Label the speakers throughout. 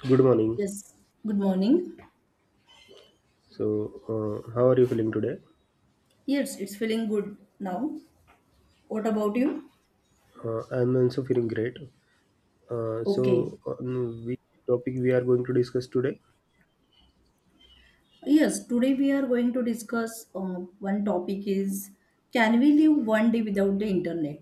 Speaker 1: Good morning.
Speaker 2: Yes, good morning.
Speaker 1: So, how are you feeling today?
Speaker 2: Yes, it's feeling good now. What about you?
Speaker 1: I'm also feeling great. Uh,
Speaker 2: Okay.
Speaker 1: so, um, which topic we are going to discuss today?
Speaker 2: Yes, today we are going to discuss one topic is, can we live one day without the internet?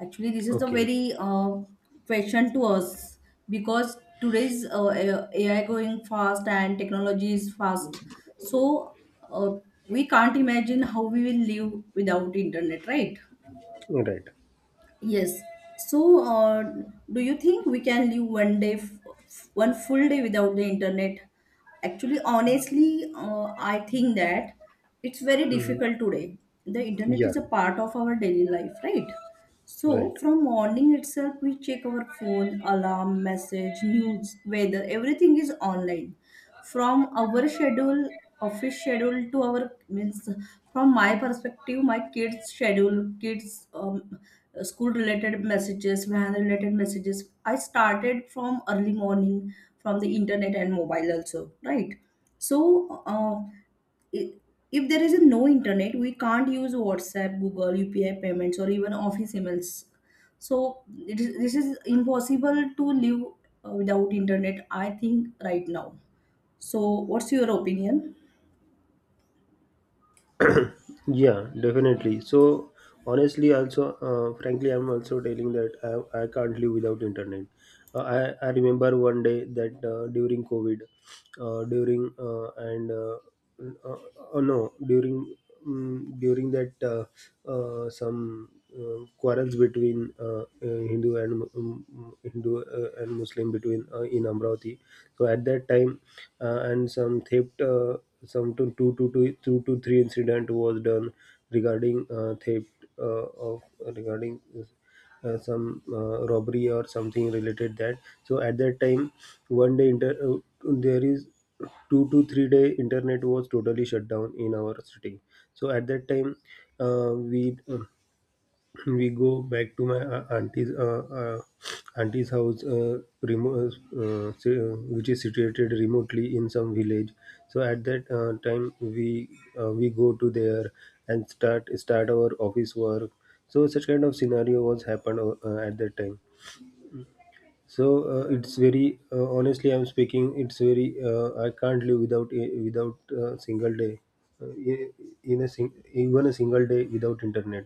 Speaker 2: Actually, this is a
Speaker 1: Okay.
Speaker 2: very question to us because today's AI going fast and technology is fast. So uh, we can't imagine how we will live without internet, right?
Speaker 1: Right.
Speaker 2: Yes. So, do you think we can live one day, one full day without the internet? Actually, honestly, I think that it's very
Speaker 1: Mhm.
Speaker 2: difficult today. The internet
Speaker 1: Yeah.
Speaker 2: is a part of our daily life, right?
Speaker 1: Right.
Speaker 2: So, from morning itself, we check our phone, alarm, message, news, weather, everything is online. From our schedule, office schedule to our means, from my perspective, my kids' schedule, kids' school related messages, van related messages I started from early morning from the internet and mobile also, right? So uh, i- if there is no internet, we can't use WhatsApp, Google, UPI payments or even office emails. So this is impossible to live without internet, I think right now. So what's your opinion?
Speaker 1: Yeah, definitely. So honestly, also, frankly, I'm also telling that I can't live without internet. Uh, I remember one day that during COVID, during and uh, no, during that some quarrels between Hindu and Muslim between in Amravati. So at that time, and some theft. Some to two, Two to three incident was done regarding theft, of regarding some robbery or something related that. So at that time, one day there is 2 to 3 day internet was totally shut down in our city. So at that time, uh, we uh, we go back to my auntie's auntie's house, which is situated remotely in some village. So at that time, we go to there and start our office work. So such kind of scenario was happened, at that time. So, it's very honestly, I'm speaking, it's very, I can't live without without a single day, uh, in in even a single day without internet.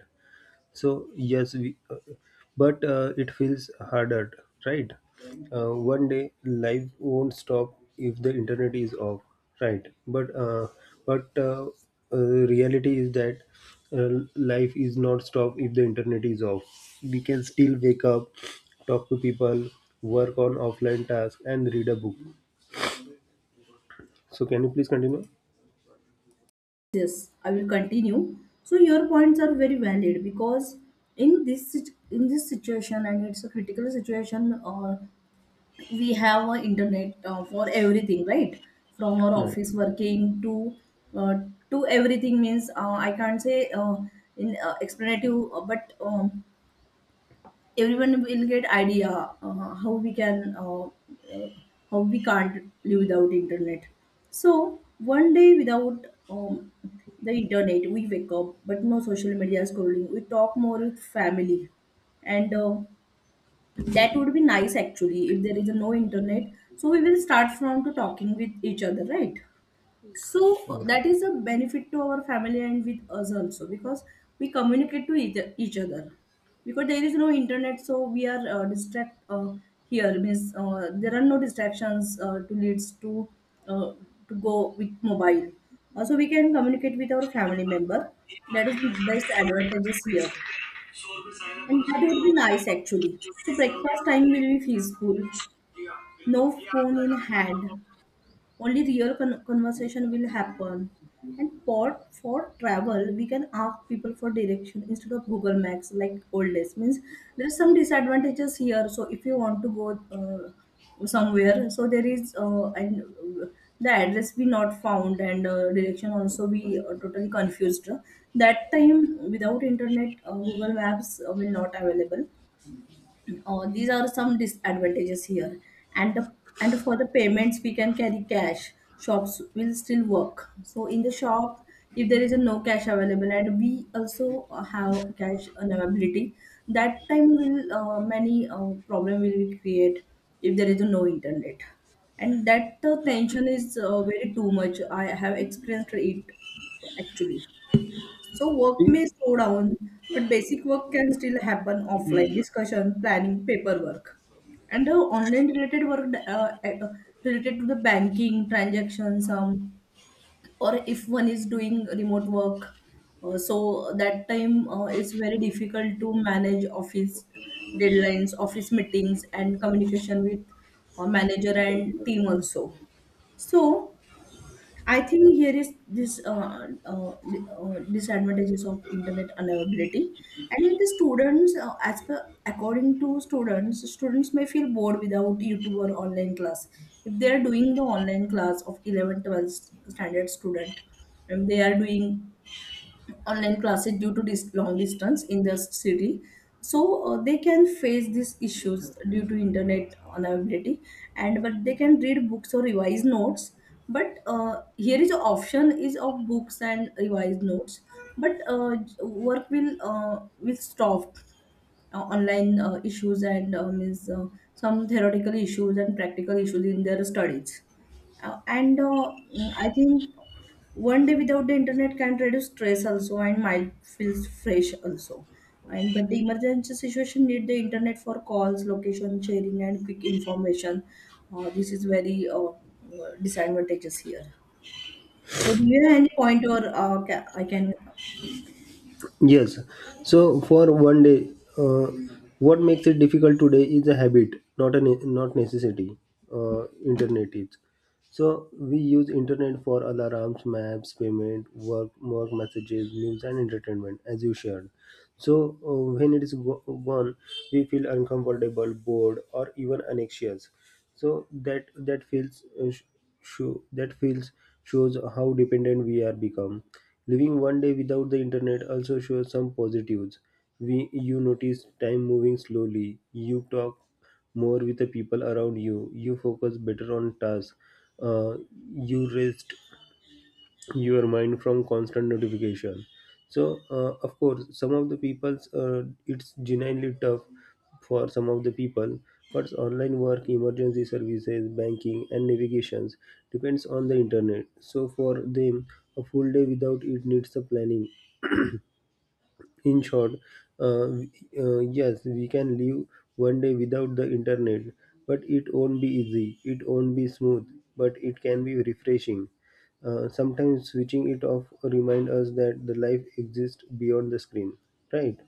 Speaker 1: So yes, we but it feels harder, right? One day life won't stop if the internet is off, right? But uh, reality is that, life is not stopped if the internet is off. We can still wake up, talk to people, work on offline tasks, and read a book. So can you please continue?
Speaker 2: Yes, I will continue. So your points are very valid because in this situation, and it's a critical situation. We have internet for everything, right? From our
Speaker 1: Right.
Speaker 2: office working uh, to everything means I can't say in explanative, but everyone will get idea how we can uh, how we can't live without internet. So one day without the internet, we wake up but no social media scrolling, we talk more with family, and that would be nice actually if there is no internet. So we will start from to talking with each other, right? So
Speaker 1: Right.
Speaker 2: that is a benefit to our family and with us also because we communicate to each other. Because there is no internet, so we are distract here means there are no distractions to leads uh, to go with mobile. Also, we can communicate with our family member. That is the best advantages here, and that would be nice actually. So breakfast time will be peaceful, no phone in hand, only real conversation will happen. And pot for travel, we can ask people for direction instead of Google Maps like old days. Means there's some disadvantages here. So if you want to go somewhere, so there is and the address be not found, and direction also be totally confused. That time without internet, Google Maps will not available. These are some disadvantages here. and the, and for the payments, we can carry cash, shops will still work. So in the shop, if there is a no cash available, and we also have cash availability, that time will many problem will be create if there is a no internet. And that tension is very too much, I have experienced it actually. So work may slow down, but basic work can still happen, offline discussion, planning, paperwork. And the online related work related to the banking transactions, or if one is doing remote work, so that time it's very difficult to manage office deadlines, office meetings, and communication with manager and team also. So I think here is this disadvantages of internet unavailability. And then the students, as per according to students, students may feel bored without YouTube or online class. If they are doing the online class of 11, 12 standard student, and they are doing online classes due to this long distance in the city, so they can face these issues due to internet unavailability. And but they can read books or revise notes. But here is an option is of books and revised notes, but work will stop. Online issues and means some theoretical issues and practical issues in their studies. I think one day without the internet can reduce stress also and mind feels fresh also. And but the emergency situation need the internet for calls, location sharing, and quick information. This is very disadvantages here. So do you have any point or I can.
Speaker 1: Yes. So for one day, uh, what makes it difficult today is a habit, not a ne- not necessity. Internet is. So we use internet for alarms, maps, payment, work messages, news, and entertainment, as you shared. So, when it is gone, we feel uncomfortable, bored, or even anxious. So that that feels show that feels shows how dependent we are become. Living one day without the internet also shows some positives. We you notice time moving slowly. You talk more with the people around you. You focus better on tasks. Uh, you rest your mind from constant notification. So, of course, some of the people's it's genuinely tough for some of the people. But online work, emergency services, banking, and navigations depends on the internet. So for them, a full day without it needs a planning. In short, uh, yes, we can live one day without the internet, but it won't be easy. It won't be smooth, but it can be refreshing. Sometimes switching it off remind us that the life exists beyond the screen, right?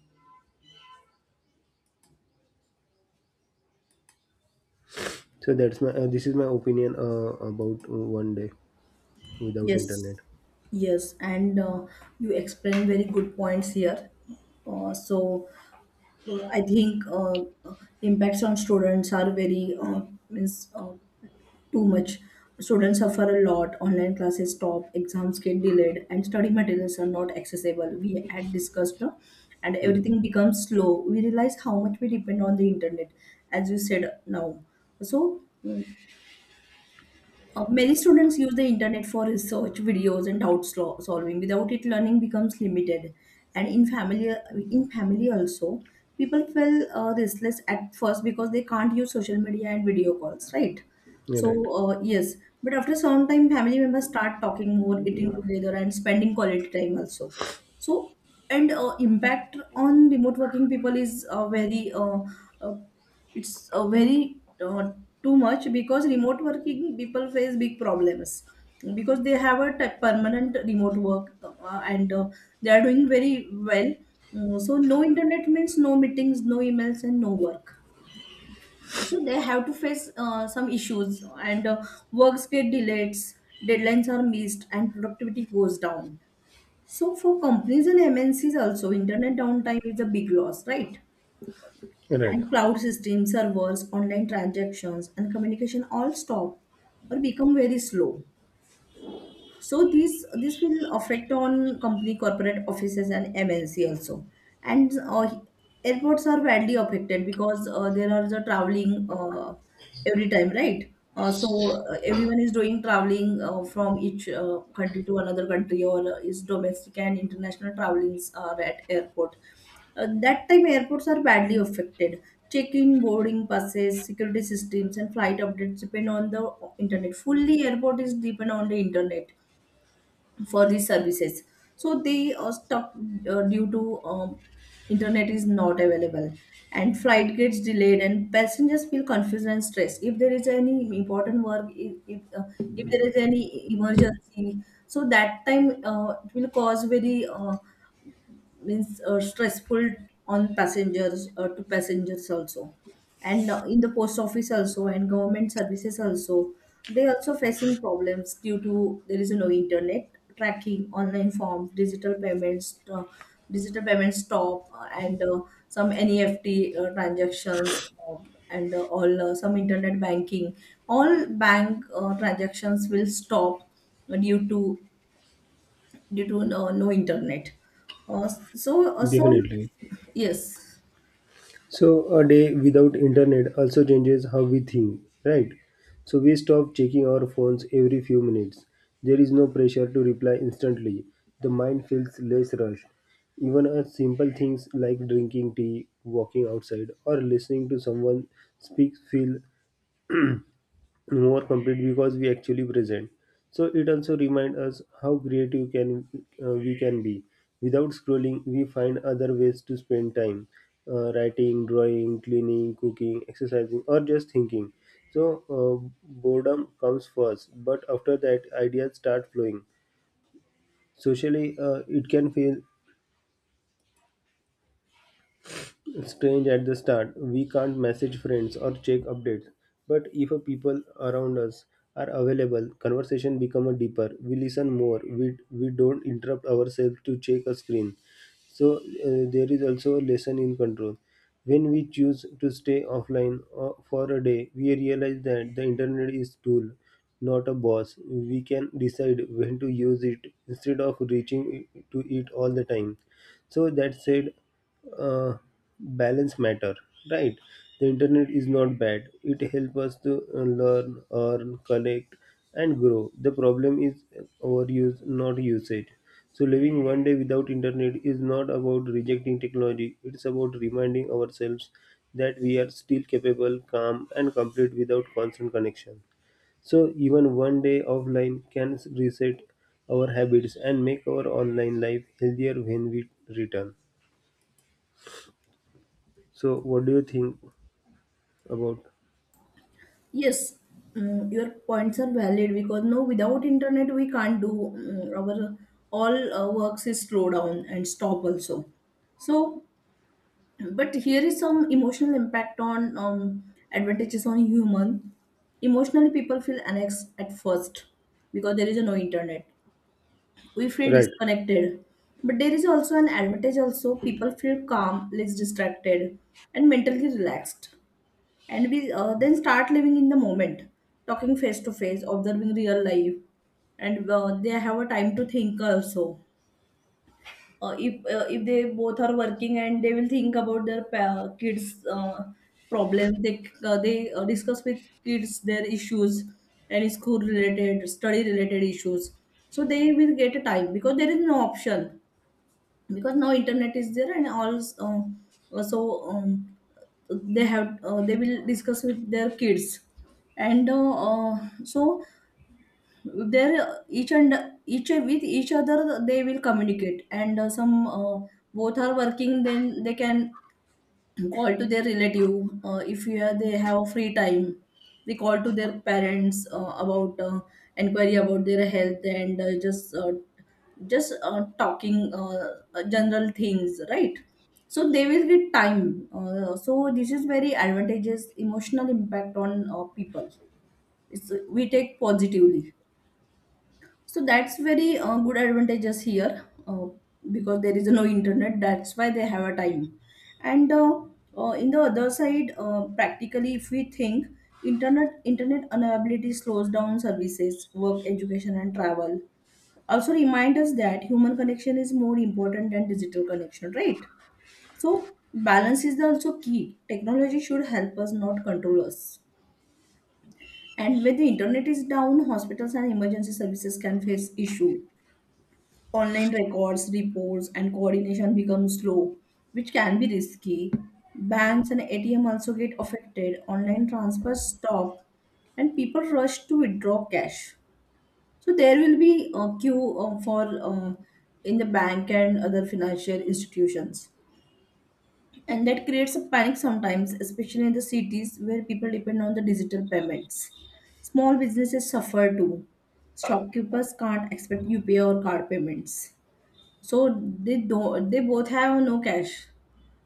Speaker 1: So that's my this is my opinion about one day without
Speaker 2: Yes,
Speaker 1: internet.
Speaker 2: yes, and you explained very good points here. So I think impacts on students are very means too much. Students suffer a lot. Online classes stop, exams get delayed, and study materials are not accessible. We had discussed, no? And
Speaker 1: Hmm.
Speaker 2: everything becomes slow. We realize how much we depend on the internet, as you said now. So. Many students use the internet for research, videos, and solving. Without it, learning becomes limited. And in family also, people feel restless at first because they can't use social media and video calls, right? So
Speaker 1: Right.
Speaker 2: yes, but after some time, family members start talking more, eating together, and spending quality time also. So and impact on remote working people is very uh, it's a very too much because remote working people face big problems because they have a permanent remote work, and they are doing very well. So no internet means no meetings, no emails and no work. So they have to face some issues, and works get delayed, deadlines are missed and productivity goes down. So for companies and MNCs also, internet downtime is a big loss, right?
Speaker 1: Right.
Speaker 2: And cloud systems, servers, online transactions, and communication all stop or become very slow. So this will affect on company corporate offices and MNC also. And airports are badly affected because there are the traveling every time, right? Everyone is doing traveling from each country to another country, or is domestic and international travelings are at airport. That time airports are badly affected. Check-in, boarding passes, security systems and flight updates depend on the internet. Fully airport is depend on the internet for these services. So they are stuck due to internet is not available. And flight gets delayed and passengers feel confused and stressed if there is any important work, if there is any emergency. So that time it will cause very means stressful on passengers to passengers also. And in the post office also and government services also, they also facing problems due to there is no internet. Tracking, online forms, digital payments stop, and some NEFT transactions, and all some internet banking. All bank transactions will stop due to due to no internet. So
Speaker 1: Definitely.
Speaker 2: yes,
Speaker 1: So a day without internet also changes how we think, right? So we stop checking our phones every few minutes. There is no pressure to reply instantly. The mind feels less rushed. Even a simple things like drinking tea, walking outside, or listening to someone speak feel more complete because we actually present. So it also reminds us how creative can we can be. Without scrolling, we find other ways to spend time, writing, drawing, cleaning, cooking, exercising, or just thinking. So, boredom comes first, but after that ideas start flowing. Socially, it can feel strange at the start. We can't message friends or check updates. But if a people around us are available, conversation become a deeper. We listen more. We don't interrupt ourselves to check a screen. So, there is also a lesson in control. When we choose to stay offline for a day, we realize that the internet is tool, not a boss. We can decide when to use it instead of reaching to it all the time. So that said, uh, balance matter, right? The internet is not bad, it helps us to learn, earn, connect, and grow. The problem is overuse, not usage. So living one day without internet is not about rejecting technology, it's about reminding ourselves that we are still capable, calm, and complete without constant connection. So even one day offline can reset our habits and make our online life healthier when we return. So, what do you think about?
Speaker 2: yes. Your points are valid because no, without internet we can't do, our all works is slow down and stop also. So but here is some emotional impact on advantages on human. Emotionally, people feel annexed at first because there is no internet, we feel
Speaker 1: Right.
Speaker 2: disconnected. But there is also an advantage also, people feel calm, less distracted and mentally relaxed. And we then start living in the moment, talking face to face, observing real life. And they have a time to think also. If they both are working, and they will think about their kids problems, they discuss with kids their issues and school related, study related issues. So they will get a time because there is no option, because now internet is there and all. Uh, so um, they have they will discuss with their kids. And so there each and each with each other they will communicate. And some both are working, then they can call to their relative. If you have, they have free time, they call to their parents about inquiry about their health. And just talking general things, right? So they will get time. So this is very advantageous emotional impact on people. It's, we take positively. So that's very good advantages here because there is no internet. That's why they have a time. And in the other side, practically, if we think, internet unavailability slows down services, work, education, and travel. Also, remind us that human connection is more important than digital connection, right? So balance is also key. Technology should help us, not control us. And when the internet is down, hospitals and emergency services can face issue. Online records, reports, and coordination become slow, which can be risky. Banks and ATM also get affected, online transfers stop, and people rush to withdraw cash. So there will be a queue for uh, in the bank and other financial institutions. And that creates a panic sometimes, especially in the cities where people depend on the digital payments. Small businesses suffer too. Shopkeepers can't expect UPI or card payments. So they both have no cash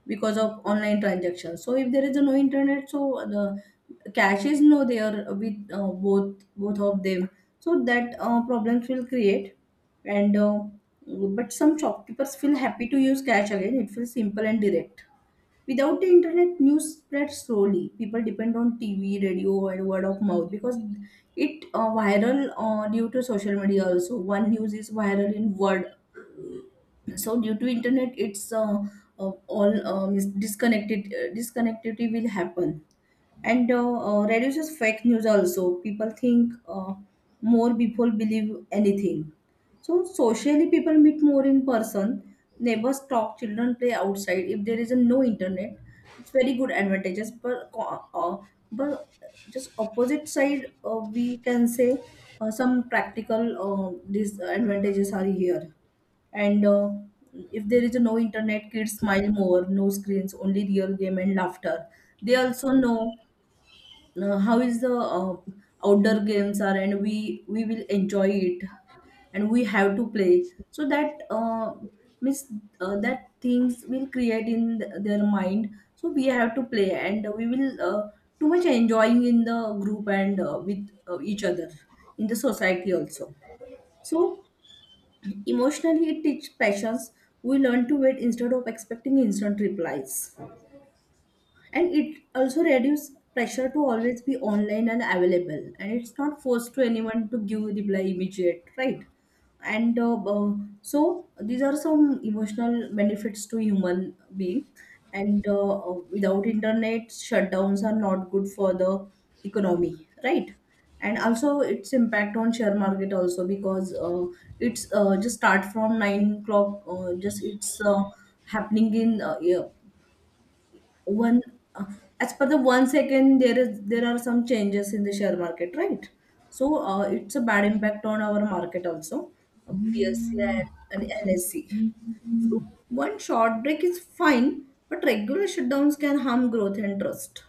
Speaker 2: because of online transactions. So if there is a no internet, so the cash is no there with both of them. So that problems will create, and but some shopkeepers feel happy to use cash again. It feels simple and direct. Without the internet, news spreads slowly. People depend on TV, radio, and word of mouth because it viral due to social media also. One news is viral in word so due to internet it's all is disconnected disconnectivity will happen and reduces fake news also. People think more people believe anything. So socially people meet more in person, neighbors talk, children play outside. If there is a no internet, it's very good advantages, but but just opposite side we can say some practical disadvantages are here and if there is no internet, kids smile more, no screens, only real game and laughter. They also know how is the outdoor games are, and we will enjoy it, and we have to play. So that means that things will create in their mind. So we have to play, and we will too much enjoying in the group and with each other in the society also. So emotionally, it teaches patience. We learn to wait instead of expecting instant replies, and it also reduces pressure to always be online and available, and it's not forced to anyone to give reply immediate, right? And uh, uh, so these are some emotional benefits to human being, and without internet shutdowns are not good for the economy, right? And also its impact on share market also, because it's just start from 9 o'clock, just it's happening in yeah, one uh, as per the 1 second, there are some changes in the share market, right? So it's a bad impact on our market also, BSC and NSC. So one short break is fine, but regular shutdowns can harm growth and trust.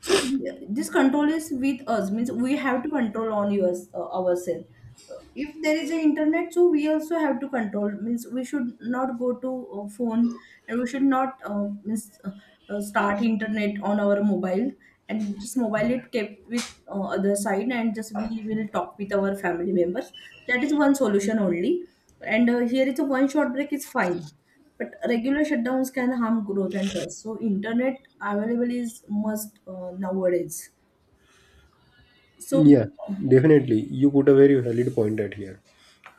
Speaker 2: So this control is with us, means we have to control on yours, ourselves. If there is an internet, so we also have to control, means we should not go to phone, and we should not means start internet on our mobile, and just mobile it kept with other side, and just we will talk with our family members. That is one solution only. And here is a one short break is fine, but regular shutdowns can harm growth and trust. So internet available is must nowadays. So
Speaker 1: Yeah, definitely. You put a very valid point at here.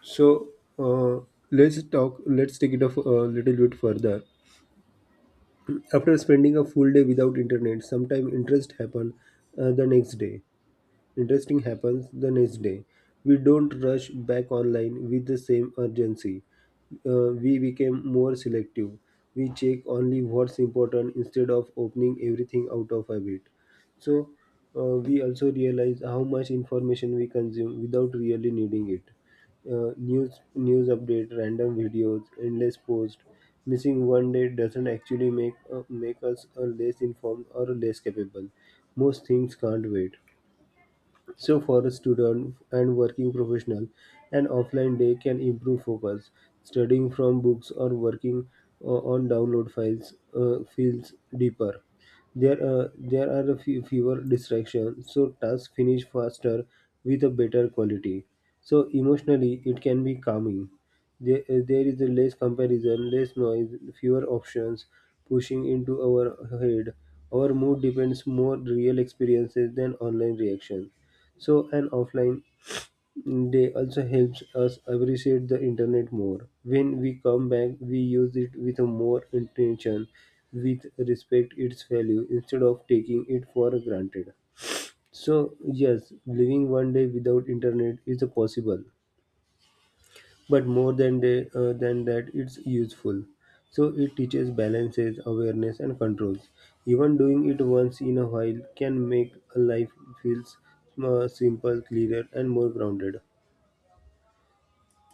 Speaker 1: So, uh, let's talk. Let's take it off a little bit further. After spending a full day without internet, sometime interest happen, the next day. Interesting happens the next day. We don't rush back online with the same urgency. We became more selective. We check only what's important instead of opening everything out of habit. So, we also realize how much information we consume without really needing it. News update, random videos, endless posts. Missing one day doesn't actually make us less informed or less capable. Most things can't wait. So for a student and working professional, an offline day can improve focus. Studying from books or working uh, on download files feels deeper. There are fewer distractions, so tasks finish faster with a better quality. So emotionally, it can be calming. There is less comparison, less noise, fewer options pushing into our head. Our mood depends more real experiences than online reactions. So an offline day also helps us appreciate the internet more. When we come back, we use it with a more intention, with respect its value instead of taking it for granted. So yes, living one day without internet is possible, but more than than that, it's useful. So it teaches balances, awareness, and controls. Even doing it once in a while can make a life feels simple, clearer, and more grounded.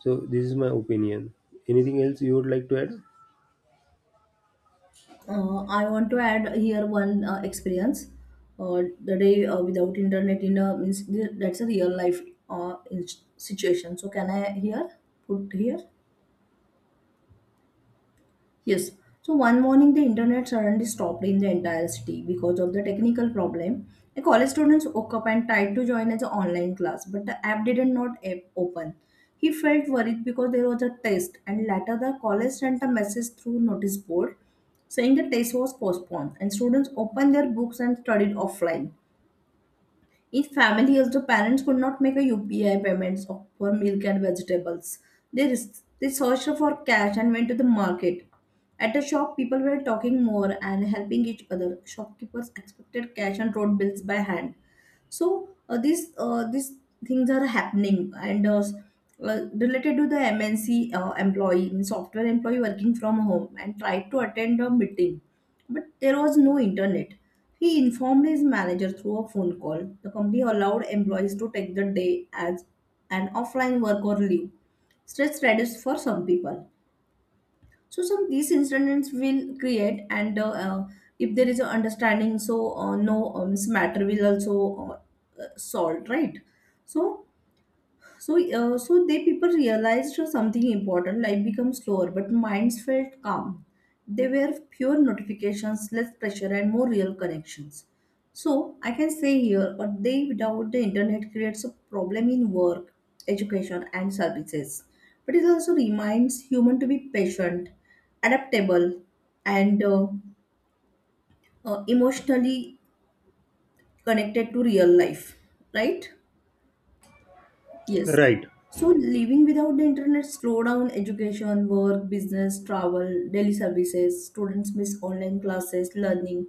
Speaker 1: So this is my opinion. Anything else you would like to add?
Speaker 2: I want to add here one experience. The day without internet in a means that's a real life in situation. So can I here put here? Yes. So one morning, the internet suddenly stopped in the entire city because of the technical problem. A college student woke up and tried to join as an online class, but the app did not open. He felt worried because there was a test, and later the college sent a message through notice board saying the test was postponed, and students opened their books and studied offline. In families, the parents could not make a UPI payments for milk and vegetables. They searched for cash and went to the market. At the shop, people were talking more and helping each other. Shopkeepers expected cash and wrote bills by hand. So these things are happening, and related to the MNC employee, means software employee working from home and tried to attend a meeting, but there was no internet. He informed his manager through a phone call. The company allowed employees to take the day as an offline work or leave. Stress reduced for some people. So some these incidents will create, and if there is a understanding, so no matter will also solved, right? So so, uh, so they people realized something important. Life becomes slower, but minds felt calm. They were fewer notifications, less pressure, and more real connections. So I can say here, a day without the internet creates a problem in work, education, and services. But it also reminds human to be patient, adaptable, and emotionally connected to real life. Right? Yes.
Speaker 1: Right.
Speaker 2: So living without the internet slow down education, work, business, travel, daily services. Students miss online classes, learning.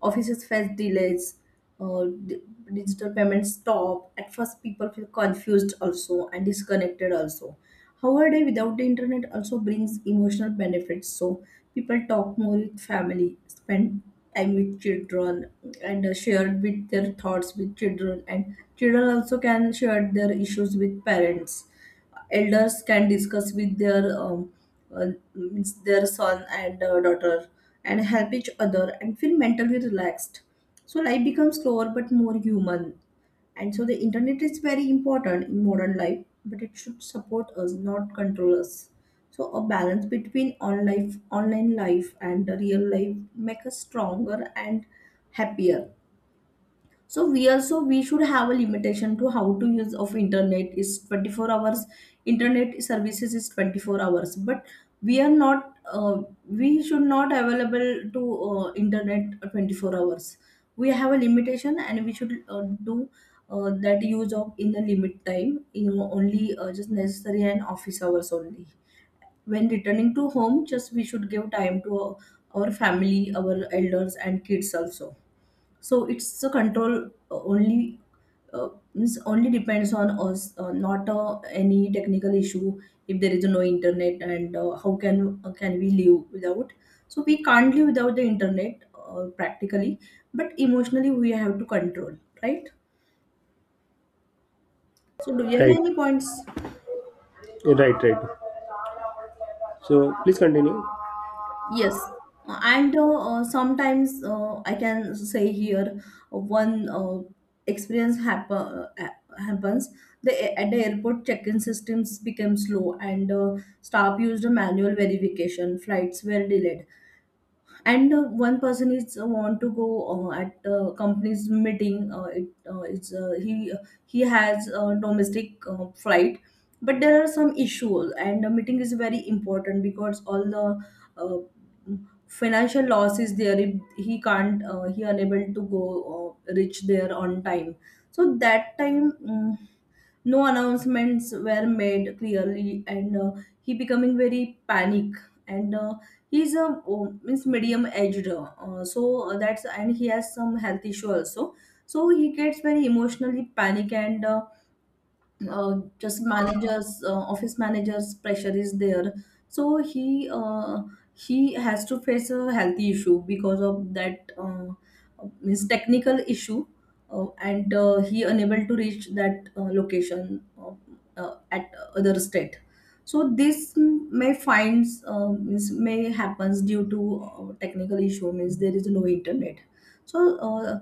Speaker 2: Offices face delays. Uh, di- digital payments stop. At first, people feel confused also and disconnected also. However, a day without the internet also brings emotional benefits. So people talk more with family, spend time with children, and share with their thoughts with children. And children also can share their issues with parents. Elders can discuss with their uh, means their son and daughter, and help each other and feel mentally relaxed. So life becomes slower but more human. And so the internet is very important in modern life, but it should support us, not control us. So a balance between on life, online life and the real life make us stronger and happier. So we also we should have a limitation to how to use of internet is 24 hours. Internet services is 24 hours, but we are not we should not available to internet 24 hours. We have a limitation, and we should do that use of in the limit time, you know, only just necessary and office hours only. When returning to home, just we should give time to our family, our elders and kids also. So it's a control only, means only depends on us, not any technical issue. If there is no internet, and how can we live without? So we can't live without the internet, practically, but emotionally we have to control, right? So do you have
Speaker 1: Right.
Speaker 2: any points?
Speaker 1: Right. Right. So please continue.
Speaker 2: Yes, and sometimes I can say here one experience happens. The at the airport check-in systems became slow, and staff used a manual verification. Flights were delayed, and one person is want to go at company's meeting, it it's he has a domestic flight, but there are some issues, and the meeting is very important because all the uh, financial loss is there if he can't he unable to go reach there on time. So that time no announcements were made clearly, and he becoming very panic, and he's a means medium aged, so that's, and he has some health issue also. So he gets very emotionally panic, and just managers office managers pressure is there. So he has to face a healthy issue because of that his technical issue, and he unable to reach that location, at other state. So this may finds means may happens due to technical issue, means there is no internet. So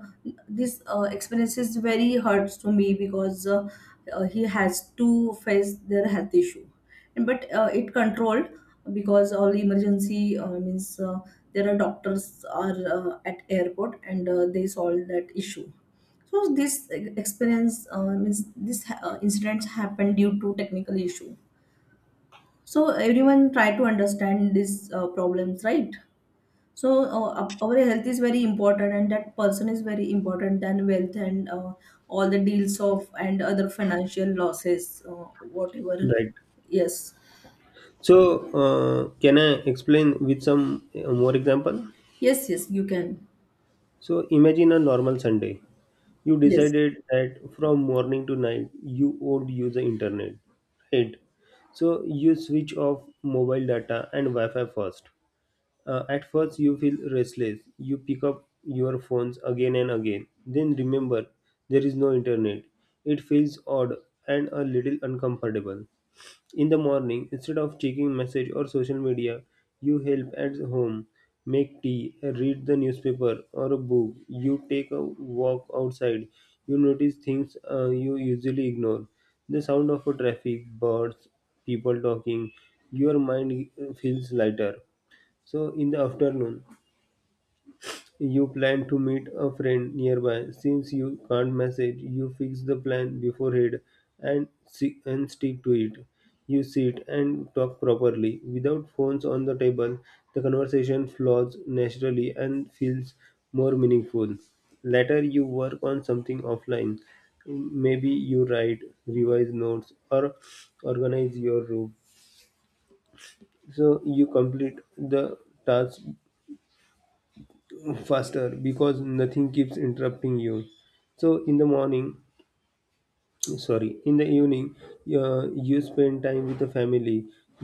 Speaker 2: this experience is very hurts to me because he has to face their health issue, and but it controlled because all emergency means there are doctors are at airport, and they solve that issue. So this experience, means this incidents happened due to technical issue. So everyone try to understand these problems, right? So our health is very important, and that person is very important than wealth, and all the deals of and other financial losses, whatever.
Speaker 1: Right.
Speaker 2: Yes,
Speaker 1: So, can I explain with some more example?
Speaker 2: yes, yes. You can.
Speaker 1: So imagine a normal Sunday. You
Speaker 2: Yes,
Speaker 1: decided that from morning to night you won't use the internet, right? So you switch off mobile data and Wi-Fi first. At first, you feel restless. You pick up your phones again and again. Then remember, there is no internet. It feels odd and a little uncomfortable. In the morning, instead of checking message or social media, you help at home, make tea, read the newspaper or a book. You take a walk outside. You notice things you usually ignore. The sound of a traffic, birds, people talking. Your mind feels lighter. So, in the afternoon, you plan to meet a friend nearby. Since you can't message, you fix the plan beforehand and stick to it. You sit and talk properly without phones on the table. The conversation flows naturally and feels more meaningful. Later, you work on something offline. Maybe you write, revise notes, or organize your room. So you complete the task faster because nothing keeps interrupting you. So in the morning, sorry, in the evening, you spend time with the family.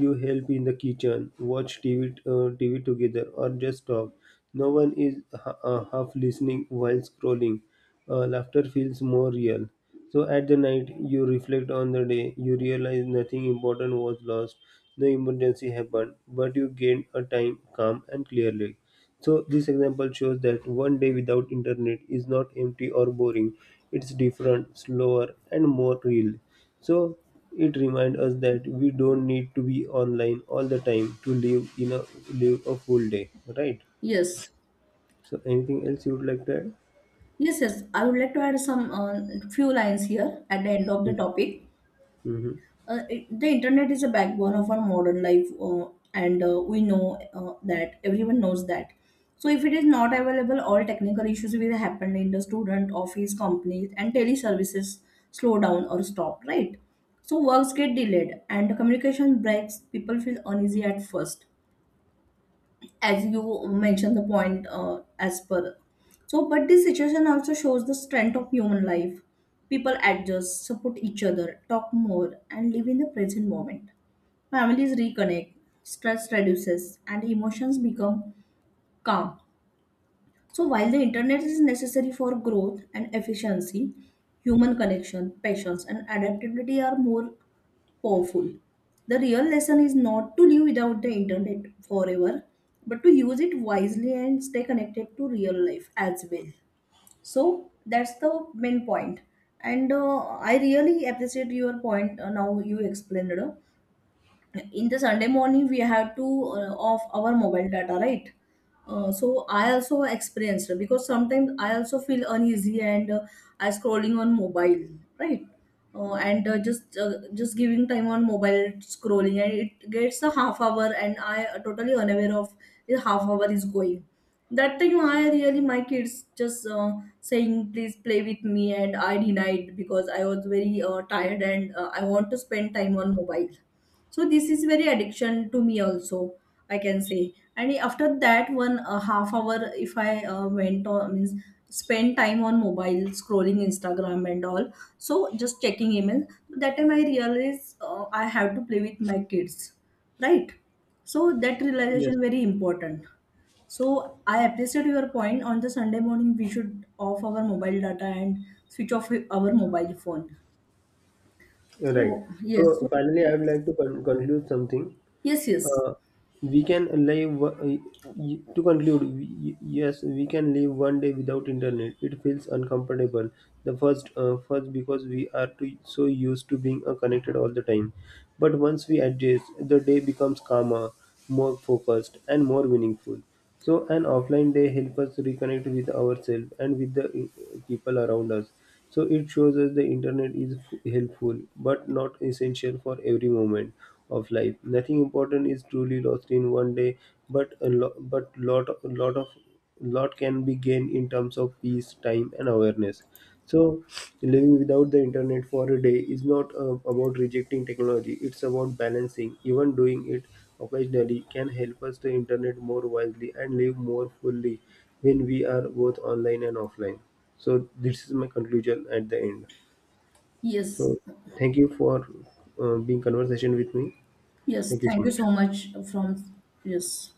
Speaker 1: You help in the kitchen, watch TV together, or just talk. No one is half listening while scrolling. Laughter feels more real. So at the night, you reflect on the day. You realize nothing important was lost. No emergency happened, but you gained a time, calm, and clearly. So this example shows that one day without internet is not empty or boring. It's different, slower, and more real. So it reminds us that we don't need to be online all the time to live a full day, right?
Speaker 2: yes,
Speaker 1: So anything else you would like to add?
Speaker 2: yes, yes. I would like to add some few lines here at the end of the topic.
Speaker 1: Hmm.
Speaker 2: It, the internet is a backbone of our modern life, and we know that everyone knows that. So if it is not available, all technical issues will happen in the student office companies and teleservices slow down or stop, right? So works get delayed and communication breaks. People feel uneasy at first, as you mentioned the point, as per. So but this situation also shows the strength of human life. People adjust, support each other, talk more, and live in the present moment. Families reconnect, stress reduces, and emotions become calm. So, while the internet is necessary for growth and efficiency, human connection, patience, and adaptability are more powerful. The real lesson is not to live without the internet forever, but to use it wisely and stay connected to real life as well. So that's the main point. And I really appreciate your point now you explained. In the Sunday morning we have to off our mobile data, right? So I also experienced, because sometimes I also feel uneasy, and I scrolling on mobile, right? And just giving time on mobile scrolling, and it gets a half hour, and I totally unaware of the half hour is going. That time I really my kids just saying please play with me, and I denied because I was very tired, and I want to spend time on mobile. So this is very addiction to me also, I can say. And after that one half hour, if I went on, means spend time on mobile scrolling Instagram and all, so just checking email. So, that time I realized I have to play with my kids, right? So that
Speaker 1: Yes.
Speaker 2: realization very important. So I appreciate your point. On the Sunday morning, we should off our mobile data and switch off our mobile phone.
Speaker 1: Right.
Speaker 2: So yes,
Speaker 1: So
Speaker 2: so
Speaker 1: finally, I would
Speaker 2: it's-
Speaker 1: like to conclude something.
Speaker 2: yes, yes.
Speaker 1: Uh, we can live o- y- y- To conclude, yes, we can live one day without internet. It feels uncomfortable. First because we are so used to being connected all the time. But once we adjust, the day becomes calmer, more focused, and more meaningful. So an offline day helps us reconnect with ourselves and with the people around us. So it shows us the internet is helpful but not essential for every moment of life. Nothing important is truly lost in one day, but lot can be gained in terms of peace, time, and awareness. So living without the internet for a day is not about rejecting technology. It's about balancing. Even doing it occasionally can help us to internet more wisely and live more fully when we are both online and offline. So this is my conclusion at the end.
Speaker 2: Yes,
Speaker 1: So thank you for being conversation with me.
Speaker 2: yes.
Speaker 1: Thank you so
Speaker 2: Thank you
Speaker 1: much.
Speaker 2: so much from yes.